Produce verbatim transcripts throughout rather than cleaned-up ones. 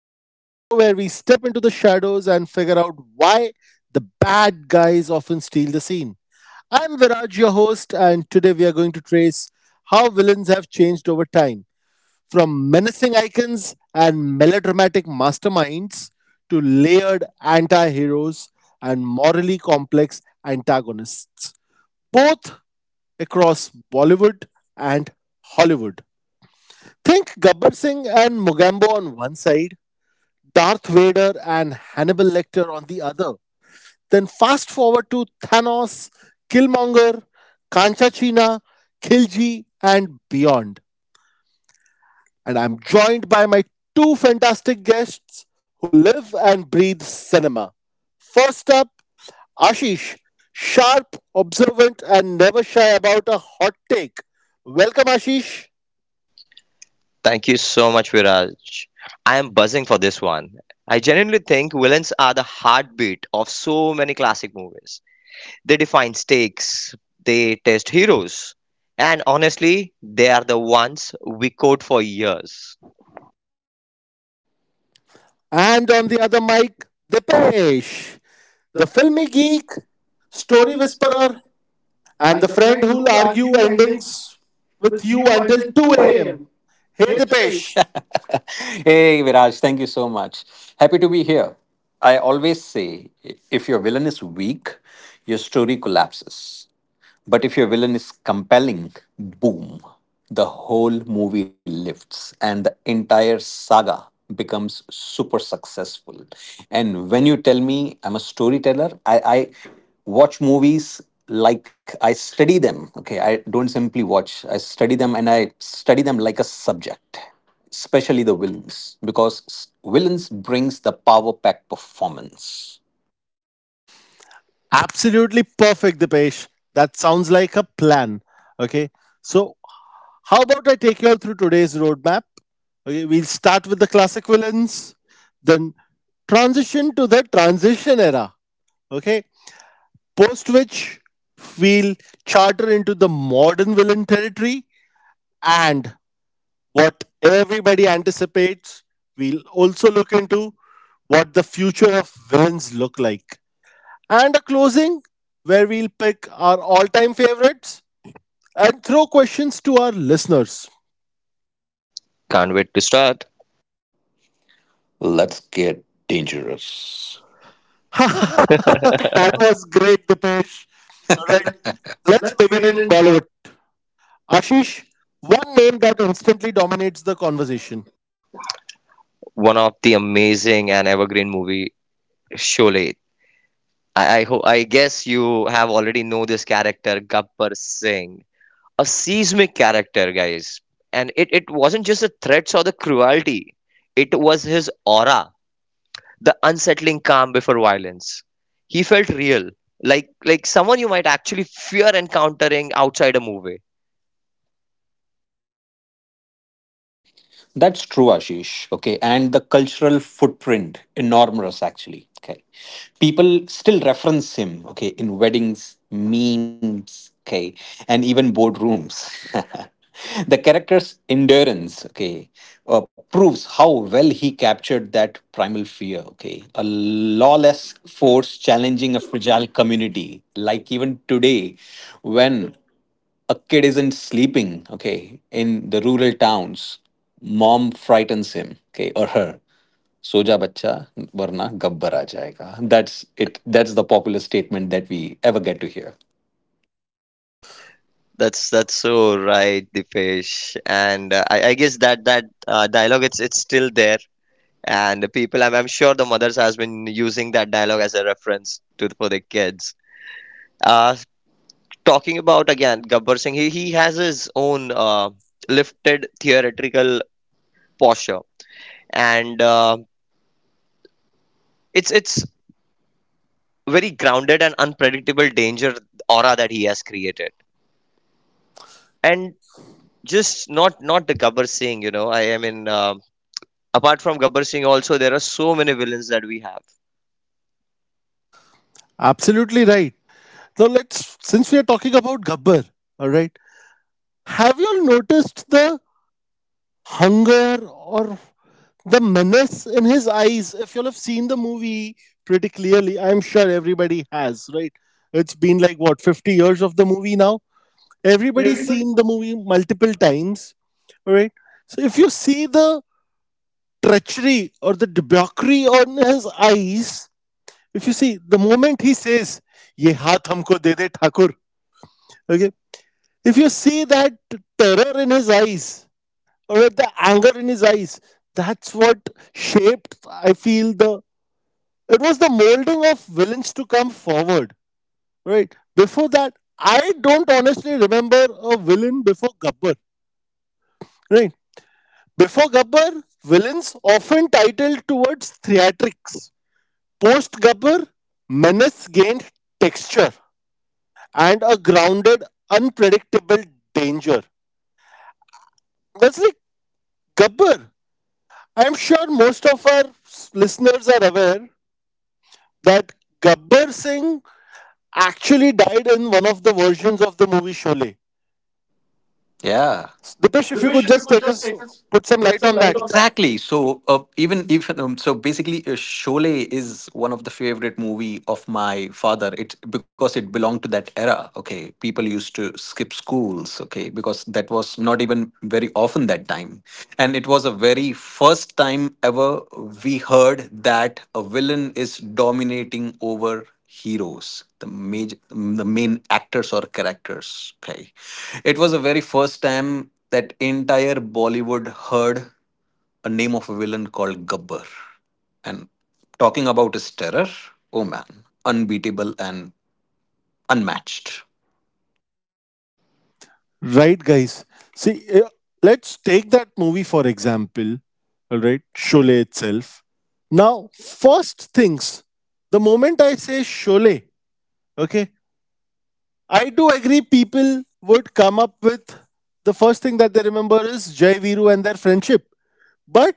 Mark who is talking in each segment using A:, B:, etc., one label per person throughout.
A: This is the show where we step into the shadows and figure out why the bad guys often steal the scene. I'm Viraj, your host, and today we are going to trace how villains have changed over time from menacing icons and melodramatic masterminds to layered anti heroes and morally complex antagonists, both across Bollywood and Hollywood. Think Gabbar Singh and Mugambo on one side, Darth Vader and Hannibal Lecter on the other. Then fast forward to Thanos, Killmonger, Kanchachina, Khilji, and beyond. And I'm joined by my two fantastic guests who live and breathe cinema. First up, Ashish, sharp, observant, and never shy about a hot take. Welcome, Ashish.
B: Thank you so much, Viraj. I am buzzing for this one. I genuinely think villains are the heartbeat of so many classic movies. They define stakes, they test heroes, and honestly, they are the ones we quote for years.
A: And on the other mic, Dipesh. The
C: The
A: filmy
C: filmic
A: geek,
C: geek,
A: story
C: story
A: whisperer,
C: whisperer,
A: and the
C: and the
A: friend
C: friend
A: who'll
C: who'll
A: argue
C: argue endings
A: endings with
C: with
A: you
C: you
A: until
C: until
A: 2
C: 2
A: a.m.
C: a.m.
A: Hey,
C: Hey,
A: Dipesh.
C: Dipesh. Hey, Viraj, thank you so much. Happy to be here. I always say if your villain is weak, your story collapses. But if your villain is compelling, boom, the whole movie lifts and the entire saga becomes super successful. And when you tell me I'm a storyteller, I, I watch movies like I study them. Okay, I don't simply watch, I study them and I study them like a subject, especially the villains, because s- villains brings the power pack performance.
A: Absolutely perfect, Dipesh. That sounds like a plan. Okay, so how about I take you all through today's roadmap? Okay, we'll start with the classic villains, then transition to the transition era. Okay, post which we'll charter into the modern villain territory and what everybody anticipates. We'll also look into what the future of villains look like. And a closing where we'll pick our all time favorites and throw questions to our listeners.
B: Can't wait to start.
C: Let's get dangerous.
A: That was great, Dipesh. All right, let's
C: Let's
A: begin in
C: begin in.
A: Bollywood. Ashish, one name that instantly dominates the conversation.
B: One of the amazing and evergreen movie, Sholay. I, I hope I guess you have already know this character, Gabbar Singh. A seismic character, guys. And it, it wasn't just the threats or the cruelty, it was his aura, the unsettling calm before violence. He felt real, like like someone you might actually fear encountering outside a movie.
C: That's true, Ashish. Okay. And the cultural footprint, enormous actually. Okay. People still reference him, okay, in weddings, memes, okay, and even boardrooms. The character's endurance, okay, uh, proves how well he captured that primal fear, okay. A lawless force challenging a fragile community. Like even today, when a kid isn't sleeping, okay, in the rural towns, mom frightens him, okay, or her. Soja bacha, varna gabbar aa jayega. That's it. That's the popular statement that we ever get to hear.
B: That's that's so right, Dipesh. And uh, I, I guess that that uh, dialogue it's it's still there. And the people, I'm, I'm sure the mothers has been using that dialogue as a reference to for their kids. Uh, talking about again Gabbar Singh, he, he has his own uh, lifted theatrical posture, and uh, it's it's very grounded and unpredictable danger aura that he has created, and just not not the Gabbar Singh, you know. I, I mean, um apart from Gabbar Singh, also there are so many villains that we have.
A: Absolutely right. Now let's, since we are talking about Gabbar, all right. Have you all noticed the hunger or the menace in his eyes? If you'll have seen the movie pretty clearly, I'm sure everybody has. Right, it's been like what, fifty years of the movie now? Everybody's
C: Everybody.
A: seen the movie multiple times, right? So if you see the treachery or the debauchery on his eyes, if you see the moment he says ye haath humko de de thakur, okay, if you see that terror in his eyes or the anger in his eyes, that's what shaped, I feel, the it was the molding of villains to come forward. Right, before that I don't honestly remember a villain before Gabbar. Right, before Gabbar, villains often titled towards theatrics. Post Gabbar, menace gained texture and a grounded, unpredictable danger. That's like Gabbar. I'm sure most of our s- listeners are aware that Gabbar Singh actually died in one of the versions of the movie Sholay.
C: Yeah.
A: Dipesh,
C: The
A: if you could
C: bishop you
A: just
C: could
A: take
C: just
A: us,
C: take this,
A: put some
C: put
A: light
C: some
A: on
C: light
A: that.
C: on that. Exactly. So uh, even even um, so basically, uh, Sholay is one of the favorite movie of my father. It because it belonged to that era. Okay, people used to skip schools. Okay, because that was not even very often that time, and it was a very first time ever we heard that a villain is dominating over heroes, the major the main actors or characters, okay. It was the very first time that entire Bollywood heard a name of a villain called Gabbar. And talking about his terror, oh man, unbeatable and unmatched.
A: Right, guys. See, eh, let's take that movie for example. All right, Sholay itself. Now, first things, the moment I say Sholay, okay, I do agree people would come up with the first thing that they remember is Jai Viru and their friendship. But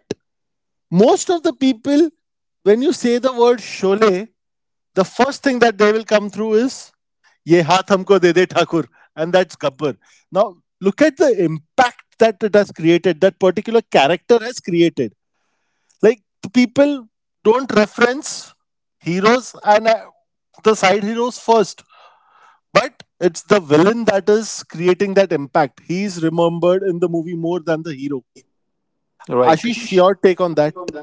A: most of the people, when you say the word Sholay, the first thing that they will come through is ye haath humko de de thakur, and that's Gabbar. Now look at the impact that it has created, that particular character has created. Like, people don't reference heroes and uh, the side heroes first, but it's the villain that is creating that impact. He is remembered in the movie more than the hero.
C: Right,
A: Ashish, your
C: Ashish, your
A: take on
C: take
A: that?
C: on that?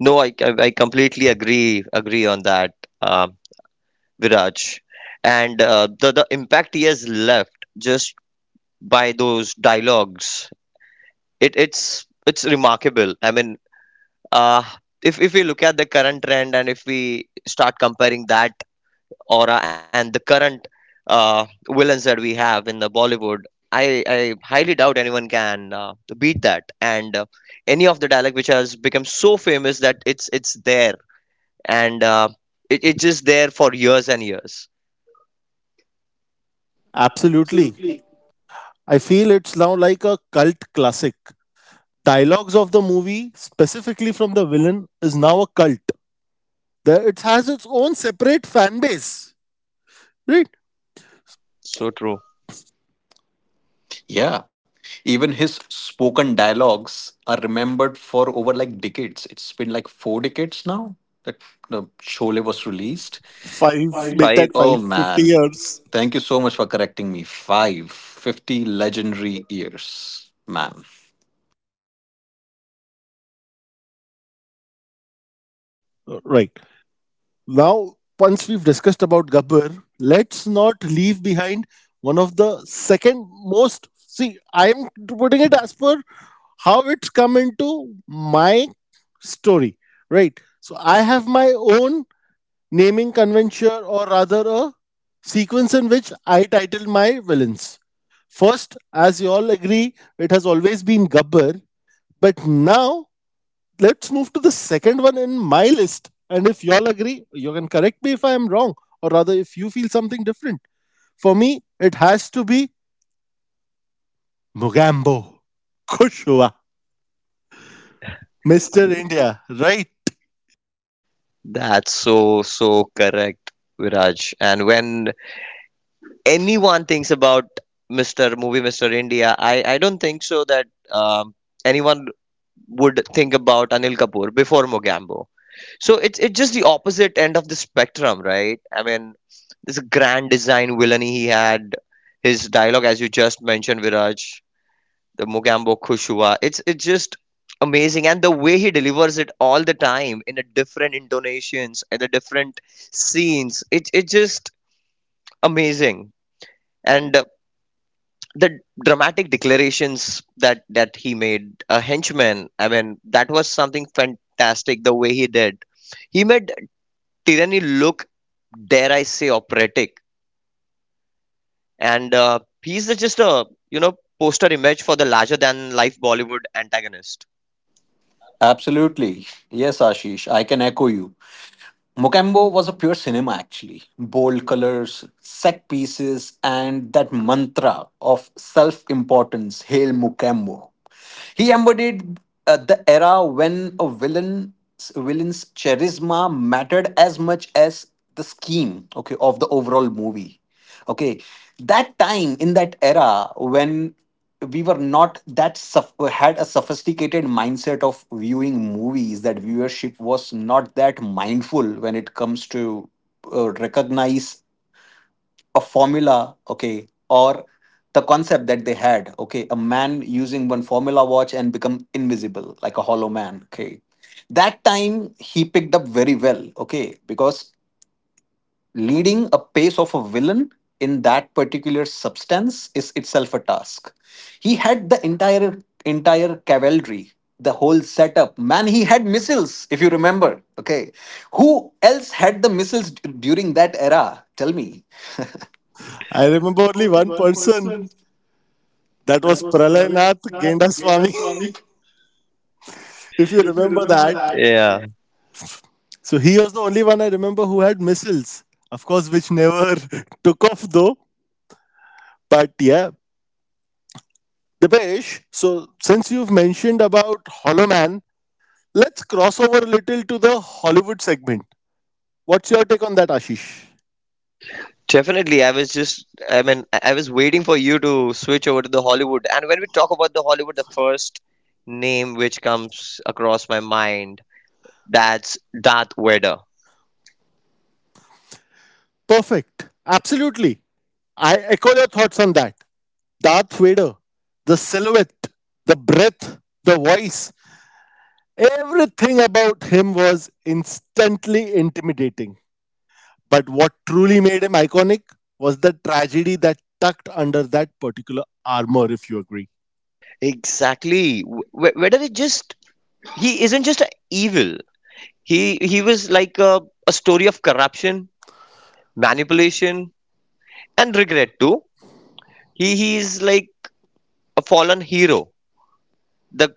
B: No, I I, I completely agree agree on that, um Viraj, and uh, the the impact he has left just by those dialogues it it's it's remarkable. I mean, uh if if we look at the current trend and if we start comparing that aura and the current uh villains that we have in the Bollywood, i i highly doubt anyone can uh, beat that. And uh, any of the dialog which has become so famous that it's it's there, and uh, it, it's just there for years and years.
A: Absolutely.
C: Absolutely.
A: I feel it's now like a cult classic. Dialogues of the movie, specifically from the villain, is now a cult. The, it has its own separate fan base, right?
B: So true.
C: Yeah, even his spoken dialogues are remembered for over like decades it's been like four decades now that the shole was released.
A: Five, make that
B: Five.
C: Oh
A: five fifty
C: man.
A: years.
C: Thank you so much for correcting me. Five, fifty legendary years, man.
A: Uh, Right. Now, once we've discussed about Gabbar, let's not leave behind one of the second most. See, I'm putting it as per how it's come into my story, right? So I have my own naming convention or rather a sequence in which I titled my villains. First, as you all agree, it has always been Gabbar, but now let's move to the second one in my list. And if you all agree, you can correct me if I am wrong, or rather, if you feel something different. For me, it has to be Mugambo. Kushua. mister India, right?
B: That's so so correct, Viraj. And when anyone thinks about mister Movie mister India, I, I don't think so that um, anyone would think about Anil Kapoor before Mogambo. So it's it's just the opposite end of the spectrum, right? I mean, this grand design villainy he had, his dialogue as you just mentioned, Viraj, the Mogambo Khushua. It's it's just amazing, and the way he delivers it all the time in a different intonations and the different scenes. It it's just amazing. And the dramatic declarations that that he made a henchman, I mean that was something fantastic the way he did. He made tyranny look, dare I say, operatic. And uh, he's just a, you know, poster image for the larger than life Bollywood antagonist.
C: Absolutely. Yes, Ashish, I can echo you. Mokembo was a pure cinema, actually. Bold colors, set pieces, and that mantra of self importance, Hail Mokembo. He embodied uh, the era when a villain's, villain's charisma mattered as much as the scheme, okay, of the overall movie, okay. That time in that era when we were not that suff had a sophisticated mindset of viewing movies, that viewership was not that mindful when it comes to uh, recognize a formula, okay, or the concept that they had, okay, a man using one formula watch and become invisible, like a hollow man, okay. That time he picked up very well, okay, because leading a pace of a villain in that particular substance is itself a task. He had the entire entire cavalry, the whole setup. Man, he had missiles, if you remember, okay. Who else had the missiles d- during that era? Tell me.
A: I
C: I
A: remember
C: remember
A: only
C: only
A: one
C: one
A: person.
C: person.
A: That
C: That
A: was
C: was
A: Pralay
C: Pralay
A: Nath
C: Nath
A: Gendaswamy.
C: Genaswamy.
A: If you
C: If you
A: remember
C: remember
A: that,
C: that.
B: Yeah,
A: so he was the only one I remember who had missiles, of course, which never took off though. But yeah, Dipesh, so since you've mentioned about Hollow Man, let's cross over a little to the Hollywood segment. What's your take on that, Ashish?
B: definitely. I was just i mean i I was waiting for you to switch over to the Hollywood, and when we talk about the Hollywood, the first name which comes across my mind, that's Darth Vader.
A: Perfect. Absolutely. I echo your thoughts on that. Darth Vader, the silhouette, the breath, the voice, everything about him was instantly intimidating. But what truly made him iconic was the tragedy that tucked under that particular armor, if you agree.
B: Exactly. Wh- Whether it just, he isn't just a evil. He he was like a, a story of corruption, manipulation, and regret too. He he is like a fallen hero, the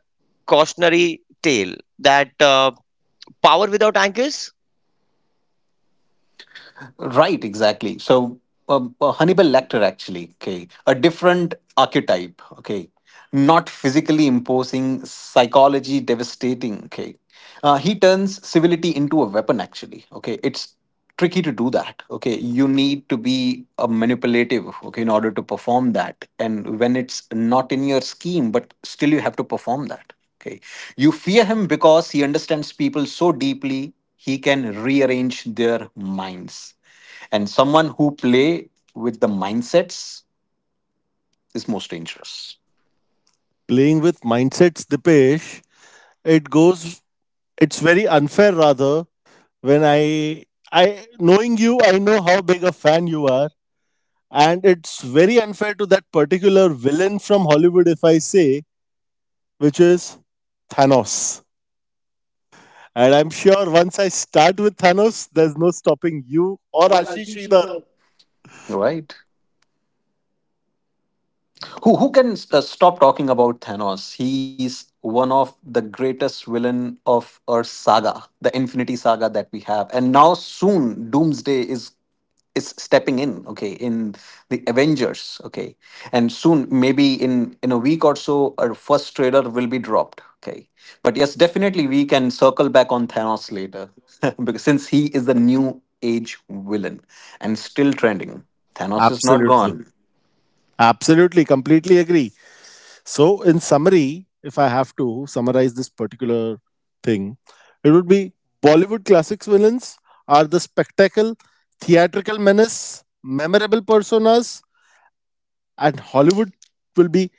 B: cautionary tale that uh, power without anchors.
C: Right, exactly. So, um, uh, Hannibal Lecter, actually, okay, a different archetype, okay, not physically imposing, psychology devastating, okay. Uh, he turns civility into a weapon, actually, okay. It's tricky to do that, okay. You need to be uh, manipulative, okay, in order to perform that. And when it's not in your scheme, but still you have to perform that, okay. You fear him because he understands people so deeply, he can rearrange their minds, and someone who play with the mindsets is most dangerous.
A: Playing with mindsets, Dipesh, it goes, it's very unfair rather when I, I, knowing you, I know how big a fan you are. And it's very unfair to that particular villain from Hollywood, if I say, which is Thanos. And I'm sure once I start with Thanos, there's no stopping you or Ashish either.
C: Right. Who who can uh, stop talking about Thanos? He's one of the greatest villain of our saga, the infinity saga that we have, and now soon doomsday is is stepping in, okay, in the Avengers, okay. And soon, maybe in in a week or so, our first trailer will be dropped, okay. But yes, definitely we can circle back on Thanos later. Because since he is the new age villain and still trending, Thanos is not gone.
A: Absolutely. Absolutely, completely agree. So, in summary, if I have to summarize this particular thing, it would be Bollywood classics villains are the spectacle, theatrical menace, memorable personas, and Hollywood will be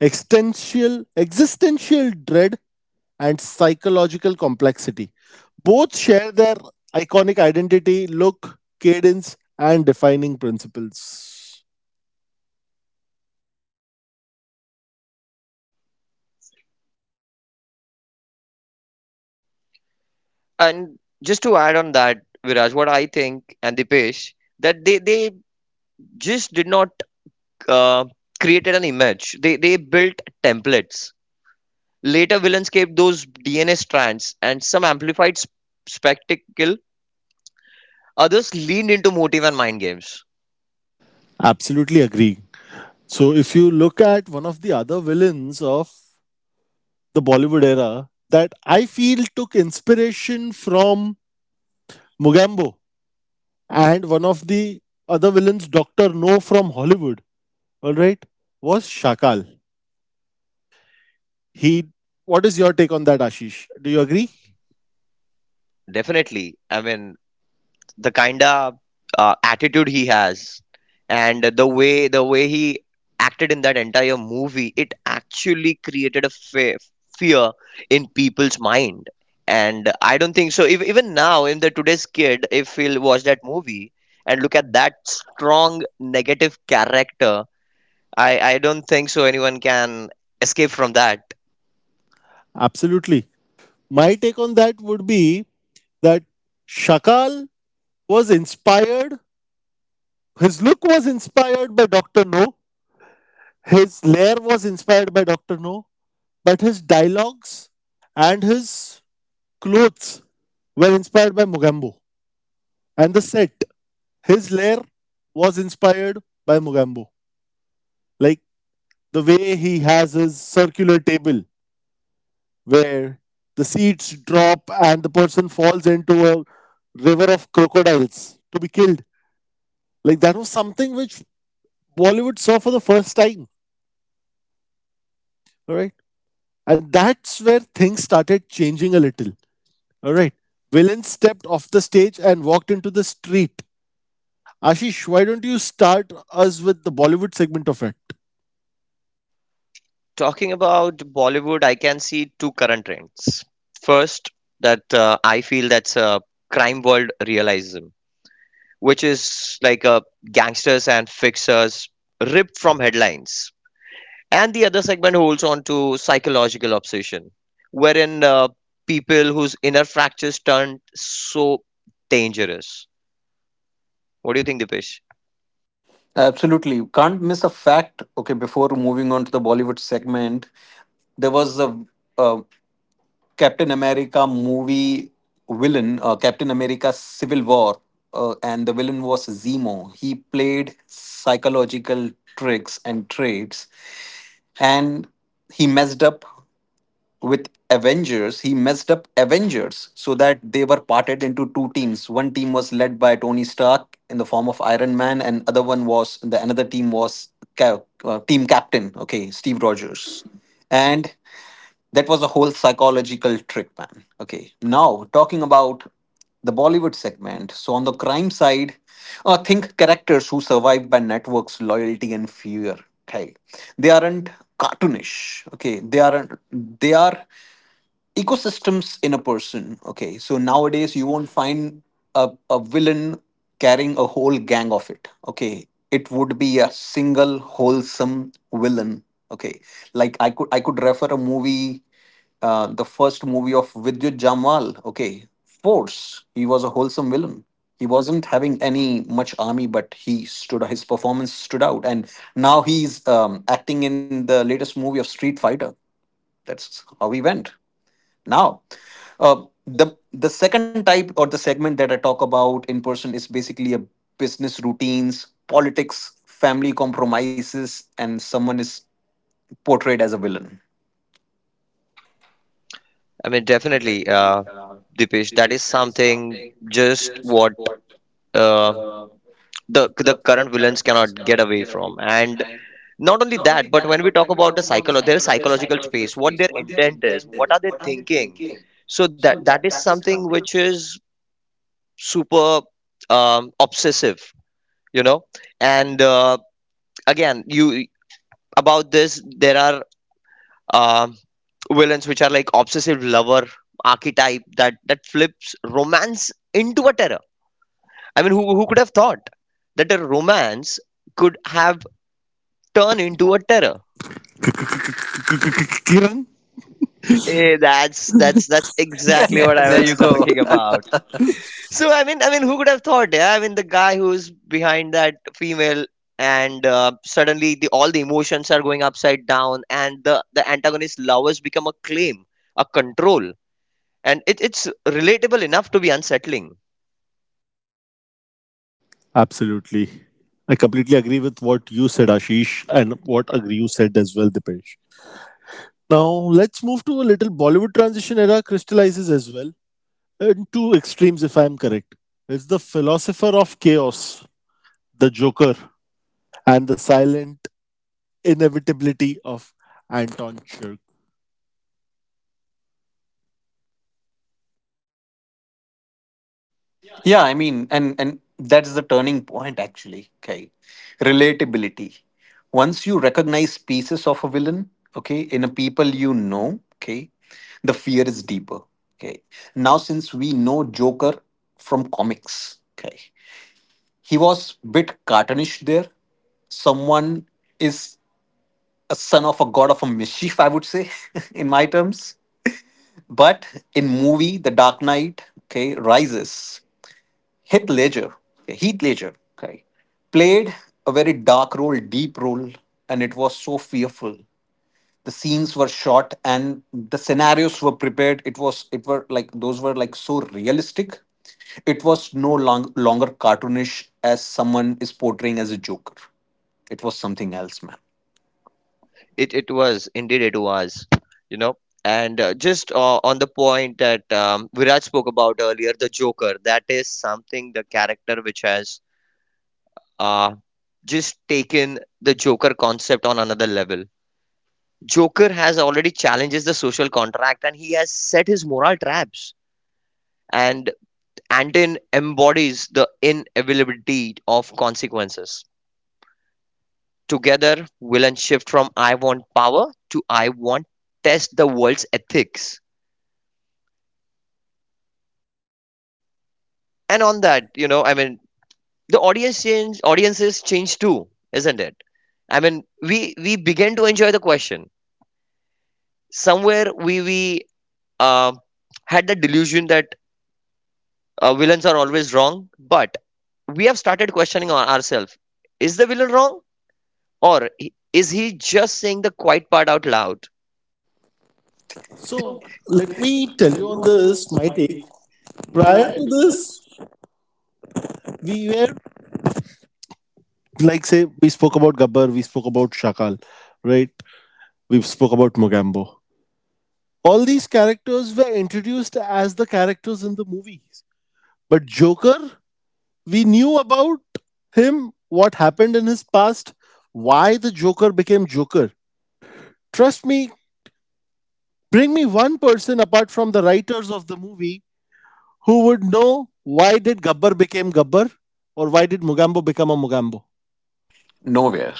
A: existential, existential dread and psychological complexity. Both share their iconic identity, look, cadence, and defining principles.
B: And just to add on that, Viraj, what I think, and Dipesh, that they they just did not uh, created an image. They they built templates. Later, villains kept those D N A strands, and some amplified sp- spectacle. Others leaned into motive and mind games.
A: Absolutely agree. So if you look at one of the other villains of the Bollywood era that I feel took inspiration from Mugambo and one of the other villains doctor No from Hollywood, all right, was Shakal. He, what is your take on that, Ashish? Do you agree?
B: Definitely, I mean the kinda uh, attitude he has, and the way the way he acted in that entire movie, it actually created a fe- fear in people's mind. And I don't think so. If, even now, in the today's kid, if he'll watch that movie and look at that strong negative character, I, I don't think so anyone can escape from that.
A: Absolutely. My take on that would be that Shakal was inspired, his look was inspired by doctor No. His lair was inspired by doctor No. But his dialogues and his clothes were inspired by Mugambo. And the set, his lair was inspired by Mugambo. Like the way he has his circular table where the seeds drop and the person falls into a river of crocodiles to be killed. Like that was something which Bollywood saw for the first time. All right. And that's where things started changing a little. All right. Villains stepped off the stage and walked into the street. Ashish, why don't you start us with the Bollywood segment of it?
B: Talking about Bollywood, I can see two current trends. First, that uh, I feel that's a crime world realism, which is like uh, gangsters and fixers ripped from headlines. And the other segment holds on to psychological obsession, wherein uh, people whose inner fractures turned so dangerous. What do you think, Dipesh?
C: Absolutely. You can't miss a fact, okay. Before moving on to the Bollywood segment, there was a a Captain America movie villain, uh, Captain America Civil War, uh, and the villain was Zemo. He played psychological tricks and traits, and he messed up with Avengers. He messed up Avengers so that they were parted into two teams. One team was led by Tony Stark in the form of Iron Man, and other one was the another team was cap uh, team captain. Okay, Steve Rogers, and that was a whole psychological trick, man. Okay, now talking about the Bollywood segment. So, on the crime side, uh, think characters who survive by networks, loyalty, and fear. Okay, they aren't cartoonish. Okay, they aren't. They are ecosystems in a person. Okay, so nowadays you won't find a, a villain carrying a whole gang of it. Okay, it would be a single wholesome villain. Okay, like I could I could refer a movie, uh, the first movie of Vidyut Jamwal. Okay, Force. He was a wholesome villain. He wasn't having any much army, but he stood. His performance stood out, and now he's um, acting in the latest movie of Street Fighter. That's how he went. Now, uh, the the second type or the segment that I talk about in person is basically a business routines, politics, family compromises, and someone is portrayed as a villain.
B: I mean, definitely, uh, Dipesh, that is something just what uh, the the current villains cannot get away from. And not only that, but when we talk about the psycholo their psychological space, what their intent is, what are they thinking? So that that is something which is super um, obsessive, you know. And uh, again, you about this, there are um, villains which are like obsessive lover archetype that that flips romance into a terror. I mean, who, who could have thought that a romance could have turned into a terror?
A: Kiran?
B: Eh, that's that's that's exactly what I
C: There
B: was
C: you go.
B: talking about. So I mean, I mean, who could have thought? Yeah, I mean, the guy who's behind that female, and uh, suddenly the all the emotions are going upside down, and the the antagonist lovers become a claim, a control. And it, it's relatable enough to be unsettling.
A: Absolutely. I completely agree with what you said, Ashish, and what agree you said as well, Dipesh. Now, let's move to a little Bollywood transition era crystallizes as well. In two extremes, if I'm correct. It's the philosopher of chaos, the Joker, and the silent inevitability of Anton Chirk.
C: Yeah, I mean, and and that's the turning point actually. Okay, relatability. Once you recognize pieces of a villain, okay, in a people you know, okay, the fear is deeper. Okay, now since we know Joker from comics, okay, he was bit cartoonish there. Someone is a son of a god of a mischief, I would say, in my terms. But in movie, The Dark Knight, okay, rises. Heath Ledger, okay, Heath Ledger, okay, played a very dark role, deep role, and it was so fearful. The scenes were shot and the scenarios were prepared. It was, it were like those were like so realistic. It was no long, longer cartoonish as someone is portraying as a joker. It was something else, man.
B: it it was indeed, it was, you know. And uh, just uh, on the point that um, Viraj spoke about earlier, the Joker, that is something, the character which has uh, just taken the Joker concept on another level. Joker has already challenges the social contract and he has set his moral traps, and Anton embodies the inevitability of consequences. Together, we shift from I want power to I want test the world's ethics. And on that, you know, I mean, the audience change, audiences change too, isn't it? I mean, we we began to enjoy the question. Somewhere we we uh, had the delusion that uh, villains are always wrong, but we have started questioning our, ourselves: Is the villain wrong, or i- is he just saying the quiet part out loud?
A: So,
C: So
A: let
C: let
A: me
C: me
A: tell
C: tell
A: you on
C: you this,
A: this,
C: this,
A: my take.
C: Mighty.
A: Prior
C: Prior
A: to
C: to
A: this,
C: this,
A: we were, like say we spoke about Gabbar, we spoke about Shakal, right? We spoke about Mogambo. All these characters were introduced as the characters in the movies. But Joker, we knew about him, what happened in his past, why the Joker became Joker. Trust me, bring me one person apart from the writers of the movie who would know why did Gabbar became Gabbar or why did Mogambo become a Mogambo.
C: nowhere.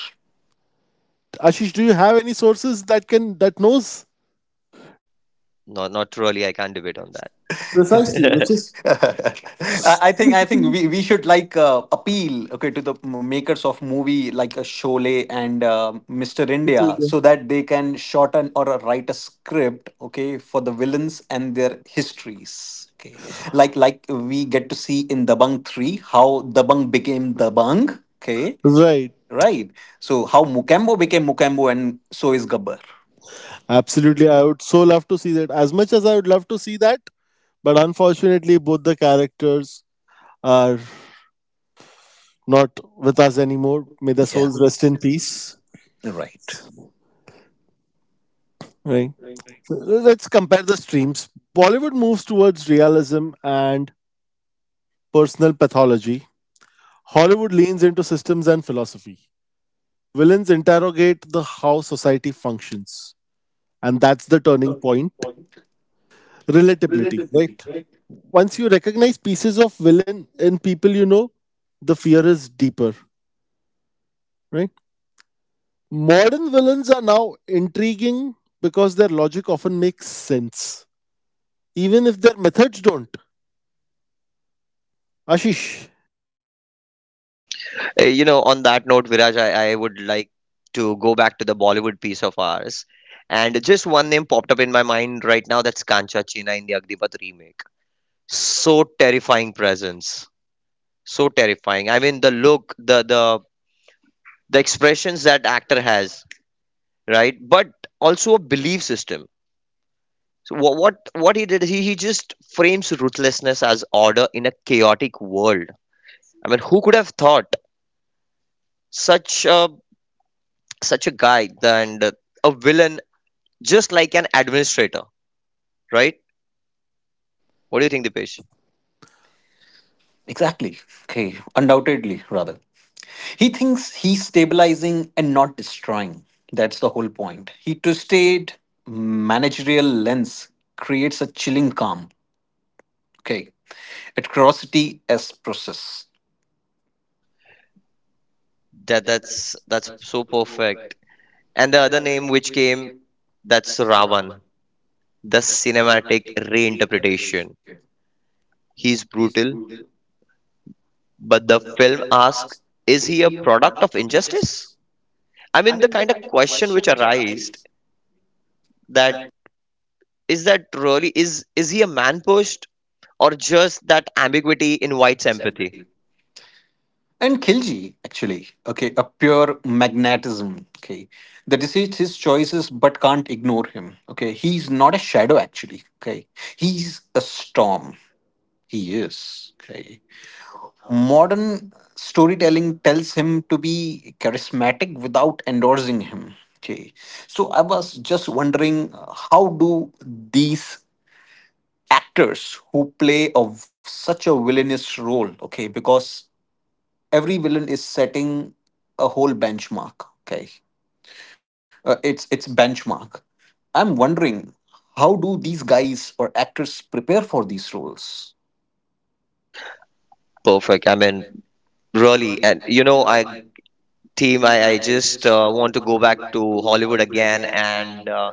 A: Ashish, do you have any sources that can that knows?
B: No, not really. I can't debate on that.
A: Precisely,
C: Precisely.
A: which is
C: I I think I think we, we should like uh, appeal, okay, to the m- makers of movie like a Sholay and uh, Mister India so that they can shorten or uh, write a script, okay, for the villains and their histories, okay, like like we get to see in Dabang three how Dabang became Dabang, okay,
A: right.
C: right. So how Mukembo became Mukembo and so is Gabbar.
A: Absolutely, I would so love to see that. As much as I would love to see that, but unfortunately, both the characters are not with us anymore. May their
C: Yeah,
A: souls rest in peace.
C: right.
A: Right. Let's compare the streams. Bollywood moves towards realism and personal pathology. Hollywood leans into systems and philosophy. Villains interrogate the how society functions, and that's the turning point. Relatability,
C: Relativity,
A: right?
C: right?
A: Once you recognize pieces of villain in people you know, the fear is deeper, right? Modern villains are now intriguing because their logic often makes sense, even if their methods don't. Ashish.
B: Uh, You know, on that note, Viraj, I, I would like to go back to the Bollywood piece of ours. And just one name popped up in my mind right now, that's Kancha China in the Agnipath remake. So terrifying presence. So terrifying. I mean the look, the the the expressions that actor has, right? But also a belief system. So what what, what he did, he, he just frames ruthlessness as order in a chaotic world. I mean, who could have thought such a such a guy and a villain just like an administrator, right? What do you think, Dipesh?
C: Exactly. Okay. Undoubtedly, rather. He thinks he's stabilizing and not destroying. That's the whole point. He twisted managerial lens creates a chilling calm. Okay. Atrocity as process.
B: That that's that's so perfect. And the other name which came, that's Ravan, the cinematic reinterpretation. He's brutal, but the film asks, is he a product of injustice? I mean, the kind of question which arised that is that really, is is he a man pushed, or just that ambiguity invites empathy?
C: And Khilji, actually, okay, a pure magnetism. Okay. The decides his choices but can't ignore him. Okay. He's not a shadow, actually. Okay. He's a storm. He is. Okay. Modern storytelling tells him to be charismatic without endorsing him. Okay. So I was just wondering uh, how do these actors who play of such a villainous role, okay, because every villain is setting a whole benchmark, okay. Uh, it's it's benchmark. I'm wondering how do these guys or actors prepare for these roles?
B: Perfect. I mean, really, and you know, I team i, I just uh, want to go back to Hollywood again, and uh,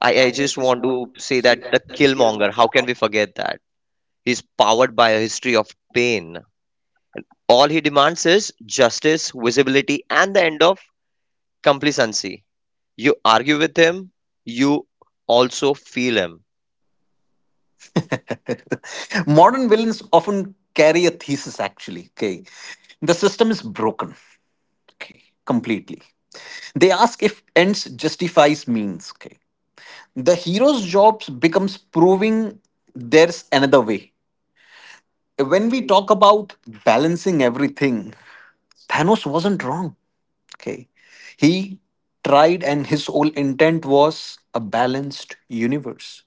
B: I, I just want to say that the Killmonger, how can we forget that? He's powered by a history of pain. All he demands is justice, visibility, and the end of complacency. You argue with him, you also feel him.
C: Modern villains often carry a thesis, actually. Okay. The system is broken. Okay. Completely. They ask if ends justifies means. Okay. The hero's job becomes proving there's another way. When we talk about balancing everything, Thanos wasn't wrong. Okay. He tried and his whole intent was a balanced universe.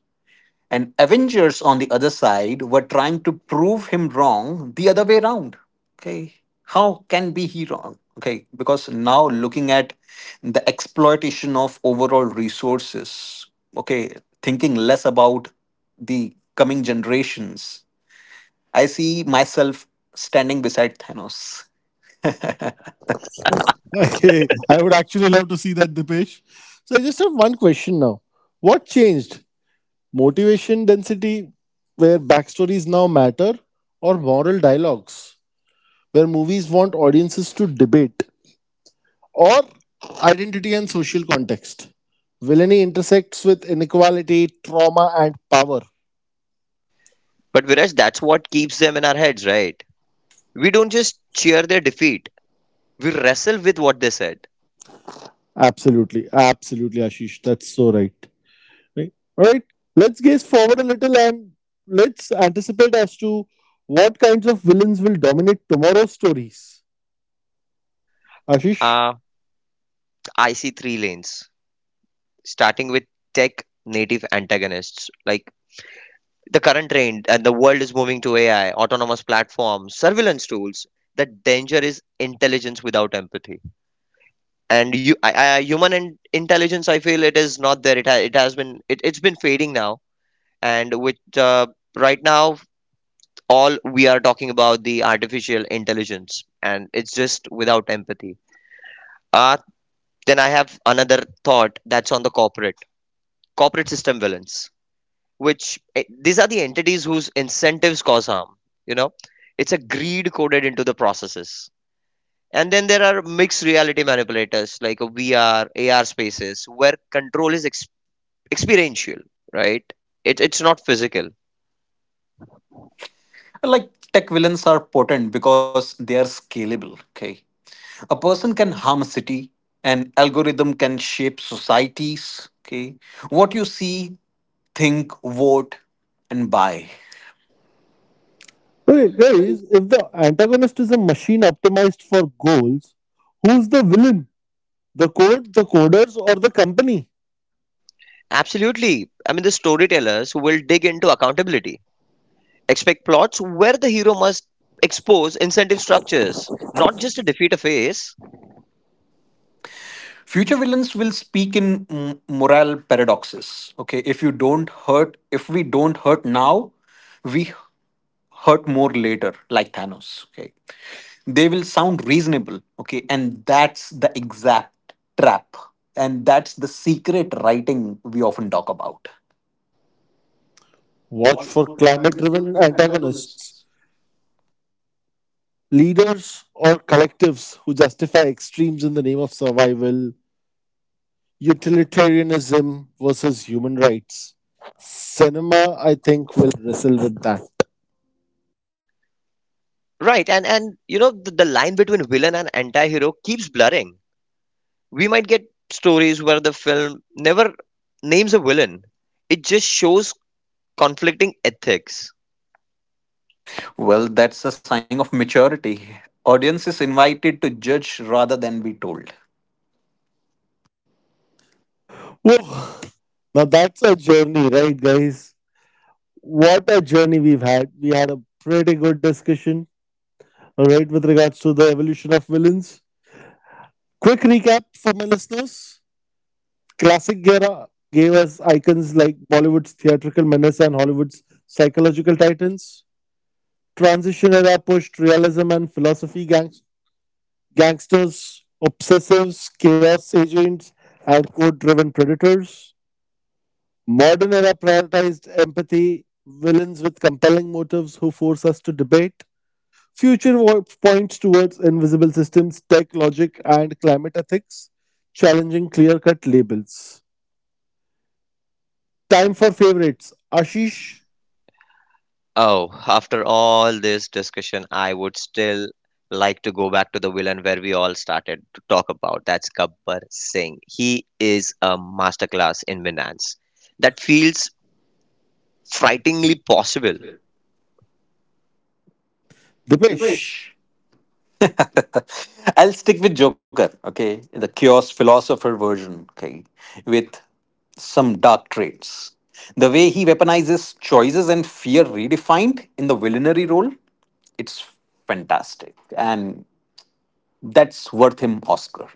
C: And Avengers on the other side were trying to prove him wrong the other way around. Okay. How can be he wrong? Okay. Because now looking at the exploitation of overall resources, okay, thinking less about the coming generations, I see myself standing beside Thanos.
A: Okay, I would actually love to see that, Dipesh. So I just have one question now. What changed? Motivation density, where backstories now matter, or moral dialogues, where movies want audiences to debate? Or identity and social context. Villainy intersects with inequality, trauma, and power.
B: But Viraj, that's what keeps them in our heads, right? We don't just cheer their defeat, we wrestle with what they said.
A: Absolutely, absolutely, Ashish. That's so right. Right. All right. Let's gaze forward a little and let's anticipate as to what kinds of villains will dominate tomorrow's stories. Ashish.
B: uh, I see three lanes, starting with tech native antagonists like the current trend, and the world is moving to AI, autonomous platforms, surveillance tools. The danger is intelligence without empathy. And you, I, I, human in, intelligence, I feel it is not there. it, ha, it has been it, it's been fading now. And with uh, right now, all we are talking about the artificial intelligence and it's just without empathy. uh, then I have another thought, that's on the corporate corporate system villains, which eh, these are the entities whose incentives cause harm, you know. It's a greed coded into the processes. And then there are mixed reality manipulators like V R, a VR AR spaces where control is ex- experiential, right? It, it's not physical.
C: Like tech villains are potent because they are scalable. Okay. A person can harm a city, an algorithm can shape societies, okay, what you see, think, vote, and buy.
A: Okay, guys, if the antagonist is a machine optimized for goals, who's the villain? The code, the coders, or the company?
B: Absolutely. I mean, the storytellers will dig into accountability. Expect plots where the hero must expose incentive structures, not just to defeat a face.
C: Future villains will speak in m- moral paradoxes, okay. If you don't hurt if we don't hurt now, we hurt more later, like Thanos, okay. They will sound reasonable, okay, and that's the exact trap. And that's the secret writing we often talk about.
A: Watch
C: Watch
A: for
C: for
A: climate
C: climate
A: driven
C: driven
A: antagonists,
C: antagonists.
A: leaders or collectives who justify extremes in the name of survival, utilitarianism versus human rights. Cinema, I think, will wrestle with that.
B: Right. and and you know, the, the line between villain and anti-hero keeps blurring. We might get stories where the film never names a villain, it just shows conflicting ethics.
C: Well, that's a sign of maturity. Audience is invited to judge rather than be told.
A: Whoa. Now that's a journey, right, guys? What a journey we've had. We had a pretty good discussion, all right, with regards to the evolution of villains. Quick recap for my listeners. Classic era gave us icons like Bollywood's theatrical menace and Hollywood's psychological titans. Transition era pushed realism and philosophy, gangs- gangsters, obsessives, chaos agents, and code driven predators. Modern era prioritized empathy, villains with compelling motives who force us to debate. Future wo- points towards invisible systems, tech logic, and climate ethics, challenging clear cut labels. Time for favorites. Ashish,
B: Oh, after all this discussion, I would still like to go back to the villain where we all started to talk about. That's Gabbar Singh. He is a masterclass in finance. That feels frighteningly possible.
A: Dipesh.
C: Dipesh, I'll stick with Joker, okay? The chaos philosopher version, okay? With some dark traits. The way he weaponizes choices and fear redefined in the villainary role, it's fantastic. And that's worth him Oscar.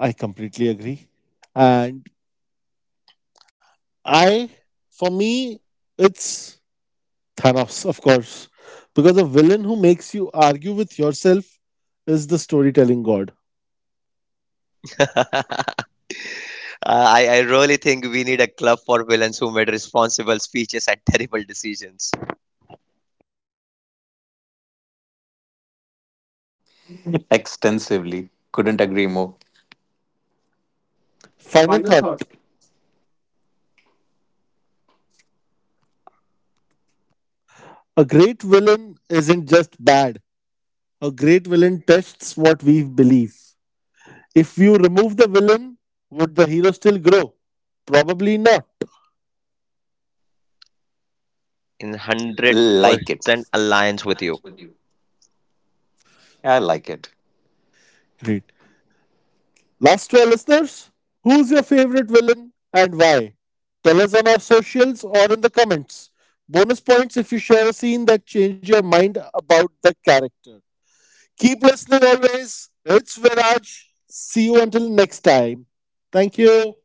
A: I completely agree. And I, for me, it's Thanos, of course. Because a villain who makes you argue with yourself is the storytelling god.
B: I, I really think we need a club for villains who made responsible speeches and terrible decisions.
C: Extensively. Couldn't agree more.
A: Final
C: Final
A: thought,
C: thought.
A: a great villain isn't just bad, a great villain tests what we believe. If you remove the villain, would the hero still grow? Probably not.
B: In
C: Like,
B: one hundred percent alliance with you.
C: I like it.
A: Great. Last, to our listeners, who's your favorite villain and why? Tell us on our socials or in the comments. Bonus points if you share a scene that changed your mind about the character. Keep listening always. It's Viraj. See you until next time. Thank you.